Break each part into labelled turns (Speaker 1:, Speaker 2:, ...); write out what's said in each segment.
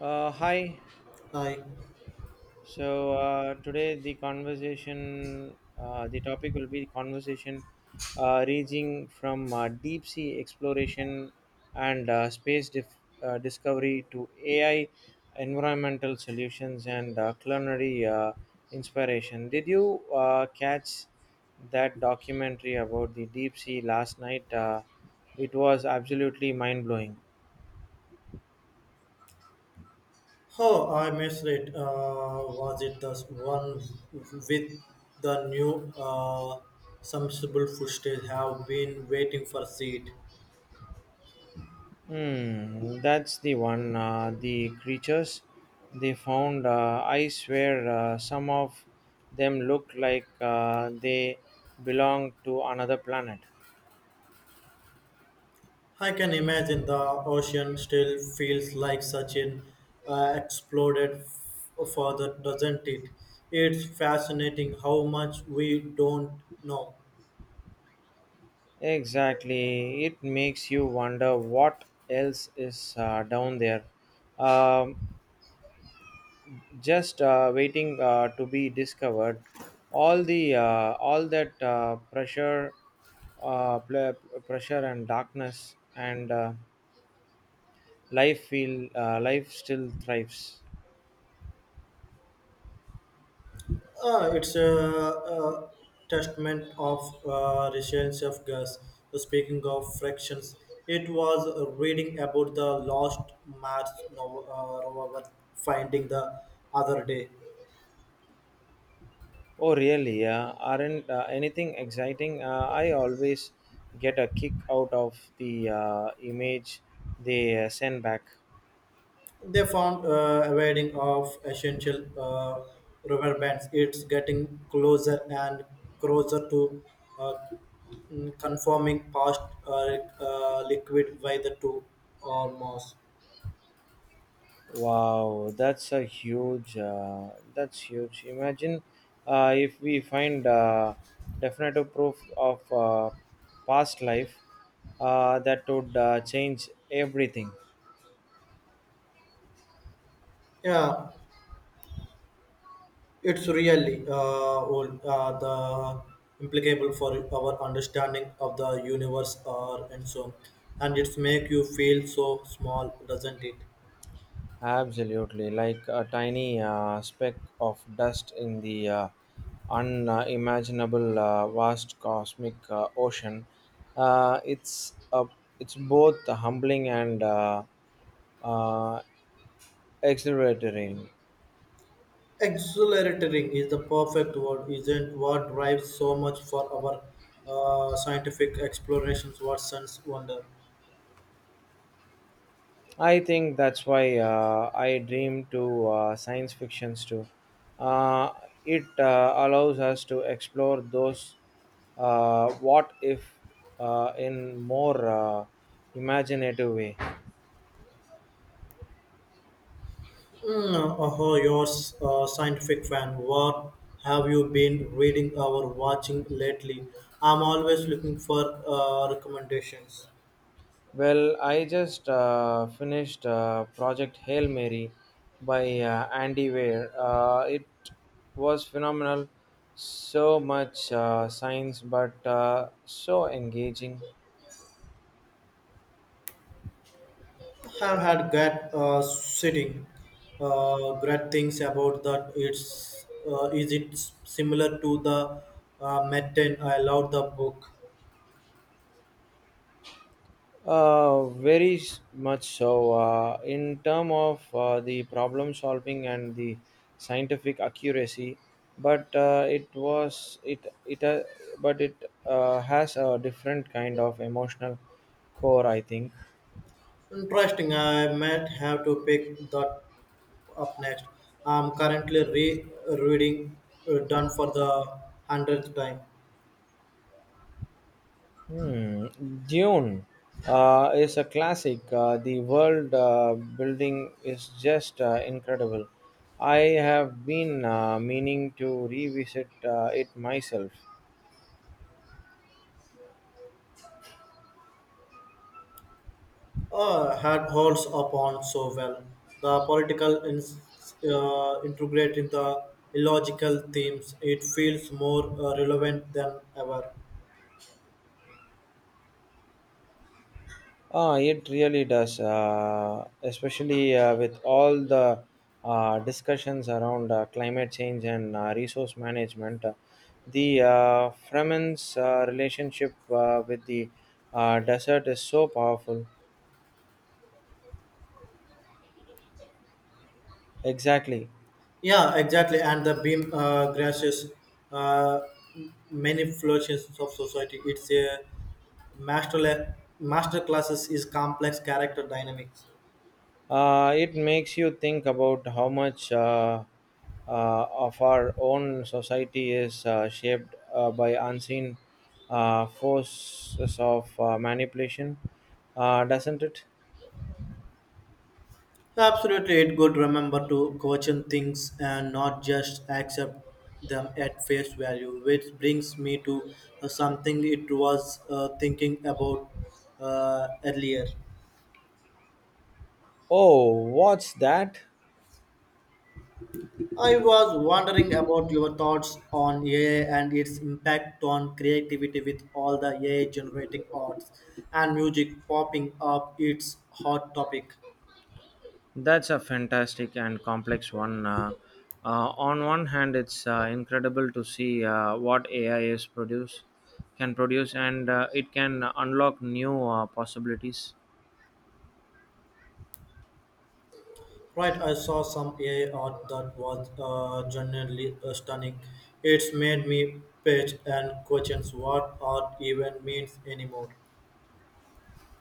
Speaker 1: Hi.
Speaker 2: Hi.
Speaker 1: So today the topic will be conversation ranging from deep sea exploration and discovery to AI, environmental solutions and culinary inspiration. Did you catch that documentary about the deep sea last night? It was absolutely mind blowing.
Speaker 2: Oh, I missed it. Was it the one with the new submersible footage? Have been waiting for seat.
Speaker 1: That's the one. The creatures they found, I swear, some of them look like they belong to another planet.
Speaker 2: I can imagine the ocean still feels like such an exploded further, doesn't it? It's fascinating how much we don't know.
Speaker 1: Exactly. It makes you wonder what else is down there. Um, just waiting to be discovered. All that pressure, uh, pl- pressure and darkness and life still thrives.
Speaker 2: It's a testament of resilience of gas. So speaking of fractions, it was reading about the lost Mars rover finding the other day.
Speaker 1: Oh, really? Aren't Anything exciting? I always get a kick out of the image they send back.
Speaker 2: They found a wedding of essential rubber bands. It's getting closer and closer to uh, conforming past uh, liquid by the two or more.
Speaker 1: Wow, that's a huge. Imagine if we find definitive proof of past life, that would change everything.
Speaker 2: Yeah. It's really old, the implicable for our understanding of the universe or and so and it's make you feel so small, doesn't it?
Speaker 1: Absolutely, like a tiny speck of dust in the unimaginable vast cosmic ocean. Uh, it's a, it's both humbling and uh, exhilarating.
Speaker 2: Exhilarating is the perfect word, isn't what drives so much for our scientific explorations, what sense wonder.
Speaker 1: I think that's why I dream to science fictions too. Uh, it allows us to explore those what if in more imaginative way.
Speaker 2: Oh, you're a scientific fan. What have you been reading or watching lately? I'm always looking for recommendations.
Speaker 1: Well, I just finished Project Hail Mary by Andy Weir. It was phenomenal. So much science, but so engaging.
Speaker 2: Have had great sitting, great things about that. It's is it s- similar to the Metten? I love the book.
Speaker 1: Very much so. In term of the problem solving and the scientific accuracy, but it was it it but it has a different kind of emotional core, I think.
Speaker 2: Interesting. I might have to pick that up next. I'm currently re-reading done for the hundredth time.
Speaker 1: Hmm. Dune is a classic. The world building is just incredible. I have been meaning to revisit it myself.
Speaker 2: Had holds upon so well. The political integrate in the illogical themes. It feels more relevant than ever.
Speaker 1: Ah, it really does, especially with all the discussions around climate change and resource management. The Fremen's relationship with the desert is so powerful. Exactly.
Speaker 2: Yeah, exactly. And the beam grasses uh, many flourishes of society. It's a master classes is complex character dynamics.
Speaker 1: It makes you think about how much uh, of our own society is shaped by unseen forces of manipulation, doesn't it?
Speaker 2: Absolutely, it good remember to question things and not just accept them at face value. Which brings me to something it was thinking about earlier.
Speaker 1: Oh, what's that?
Speaker 2: I was wondering about your thoughts on AI and its impact on creativity with all the AI generating arts and music popping up. It's hot topic.
Speaker 1: That's a fantastic and complex one. On one hand, it's incredible to see uh, what AI is produce can produce, and it can unlock new possibilities.
Speaker 2: Right, I saw some AI art that was genuinely stunning. It's made me page and questions what art even means anymore.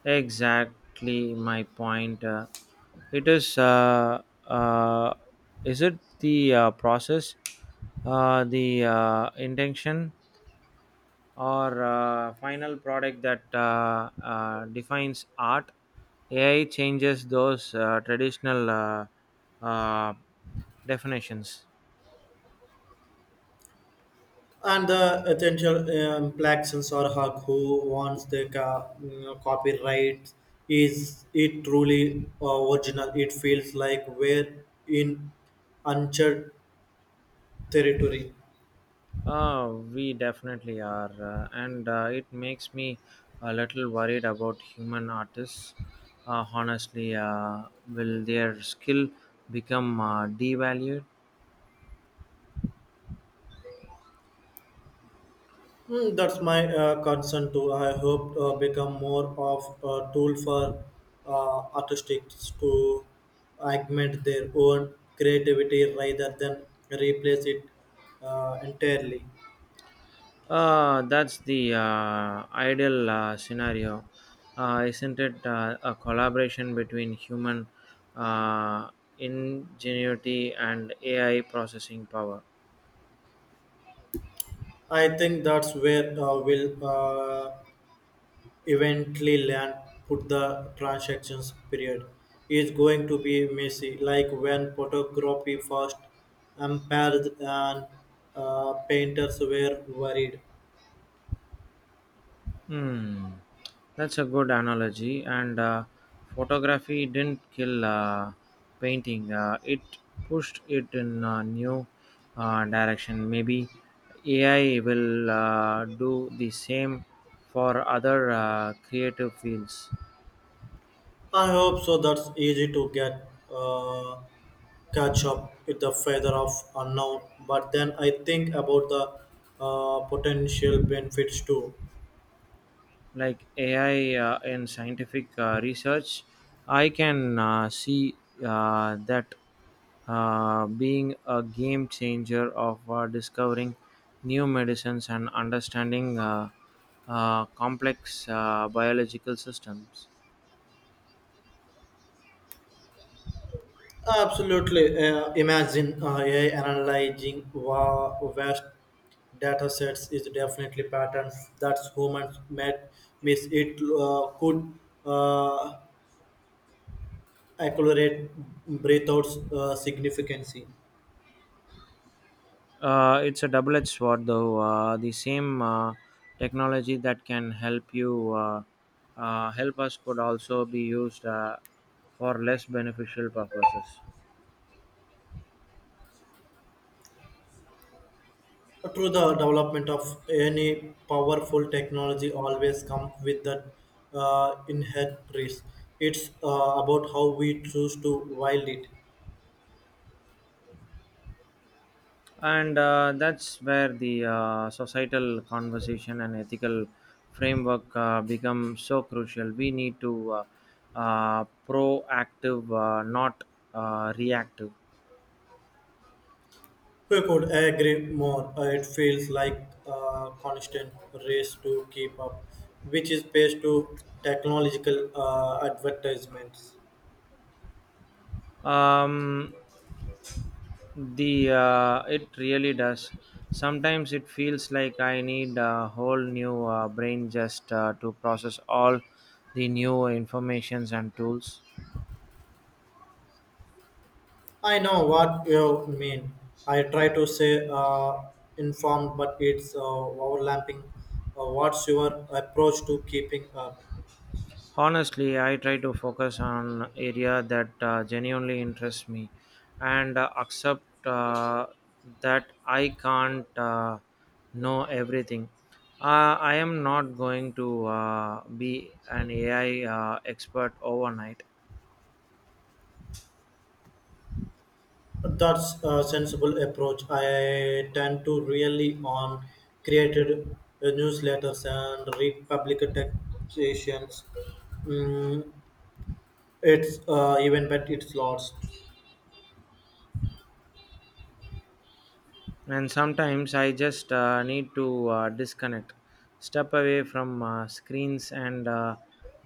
Speaker 1: Exactly my point. It is. Uh, is it the process, the intention? Or final product that defines art? AI changes those traditional uh, definitions.
Speaker 2: And the essential implications are how who wants the copyright, is it truly original? It feels like we're in uncharted territory.
Speaker 1: We definitely are, and it makes me a little worried about human artists, honestly. Will their skill become devalued?
Speaker 2: Hmm, that's my concern too. I hope become more of a tool for artists to augment their own creativity rather than replace it entirely.
Speaker 1: That's the ideal scenario, isn't it? A collaboration between human uh, ingenuity and AI processing power.
Speaker 2: I think that's where we'll eventually land. Put the transactions period is going to be messy, like when photography first appeared and painters were worried.
Speaker 1: Hmm, that's a good analogy. And photography didn't kill painting; it pushed it in a new direction. Maybe AI will do the same for other creative fields.
Speaker 2: I hope so. That's easy to get catch up with the feather of unknown, but then I think about the potential benefits too.
Speaker 1: Like AI in scientific research, I can see that being a game changer of discovering new medicines and understanding complex biological systems.
Speaker 2: Absolutely, imagine AI analyzing vast data sets is definitely patterns that humans made. Miss. It could uh, accelerate breathouts significantly.
Speaker 1: It's a double-edged sword, though. The same technology that can help you help us could also be used for less beneficial purposes.
Speaker 2: Through the development of any powerful technology, always comes with the inherent risk. It's about how we choose to wield it.
Speaker 1: And that's where the societal conversation and ethical framework become so crucial. We need to proactive, not reactive.
Speaker 2: We could agree more. It feels like a constant race to keep up, which is based to technological advertisements.
Speaker 1: Um, the It really does. Sometimes it feels like I need a whole new brain just to process all the new informations and tools.
Speaker 2: I know what you mean. I try to say informed, but it's overlapping. What's your approach to keeping up?
Speaker 1: Honestly, I try to focus on area that genuinely interests me and accept that I can't know everything. I am not going to be an AI expert overnight.
Speaker 2: That's a sensible approach. I tend to really on created newsletters and read public textations. Mm, it's even but it's lots.
Speaker 1: And sometimes I just need to disconnect, step away from screens and uh,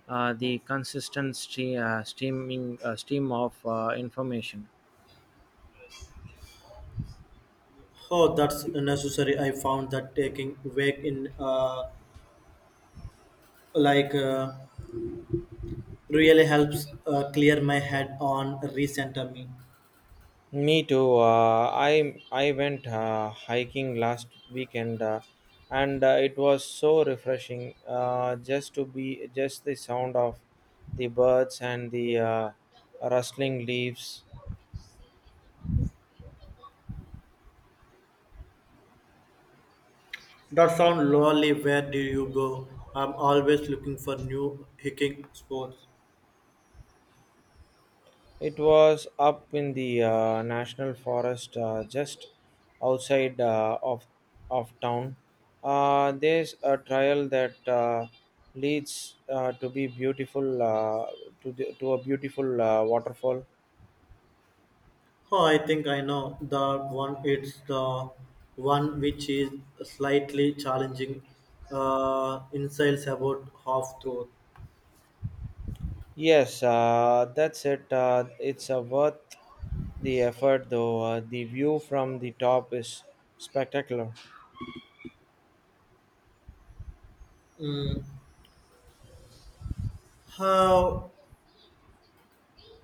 Speaker 1: uh, the consistent streaming stream of information.
Speaker 2: Oh, that's necessary. I found that taking wake in like uh, really helps clear my head on recenter me.
Speaker 1: Me too. I went hiking last weekend, and it was so refreshing. Just to be just the sound of the birds and the rustling leaves.
Speaker 2: That sound lonely. Where do you go? I'm always looking for new hiking sports.
Speaker 1: It was up in the national forest, just outside of town. There's a trail that leads to the, to a beautiful waterfall.
Speaker 2: Oh, I think I know the one. It's the one which is slightly challenging. Insights about half truth.
Speaker 1: Yes, that's it. It's worth the effort, though. The view from the top is spectacular.
Speaker 2: Mm. How?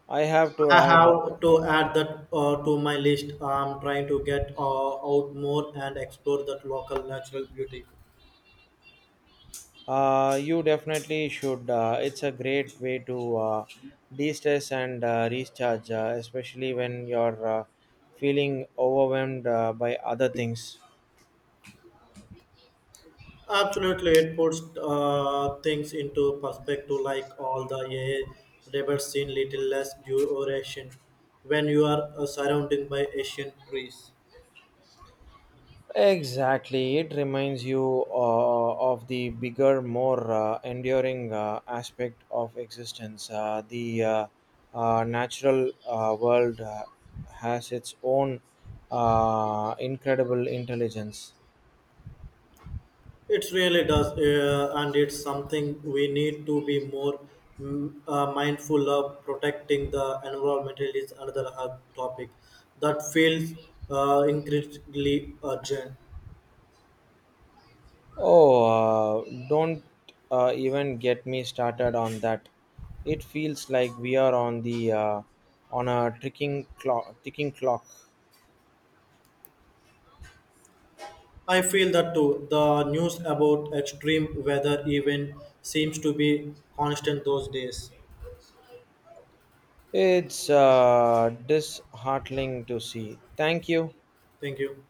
Speaker 1: I have to
Speaker 2: I
Speaker 1: add,
Speaker 2: have to add that to my list. I'm trying to get out more and explore that local natural beauty.
Speaker 1: you definitely should. It's a great way to de stress and recharge, especially when you're feeling overwhelmed by other things.
Speaker 2: Absolutely, it puts things into perspective, like all the AI rebels in little less duration when you are surrounded by Asian trees.
Speaker 1: Exactly, it reminds you of the bigger, more enduring aspect of existence. The natural world has its own incredible intelligence.
Speaker 2: It really does, and it's something we need to be more mindful of. Protecting the environment is another hot topic that feels increasingly urgent.
Speaker 1: Oh, don't even get me started on that. It feels like we are on the on a ticking clock, ticking clock.
Speaker 2: I feel that too. The news about extreme weather even seems to be constant those days.
Speaker 1: It's disheartening to see. Thank you.
Speaker 2: Thank you.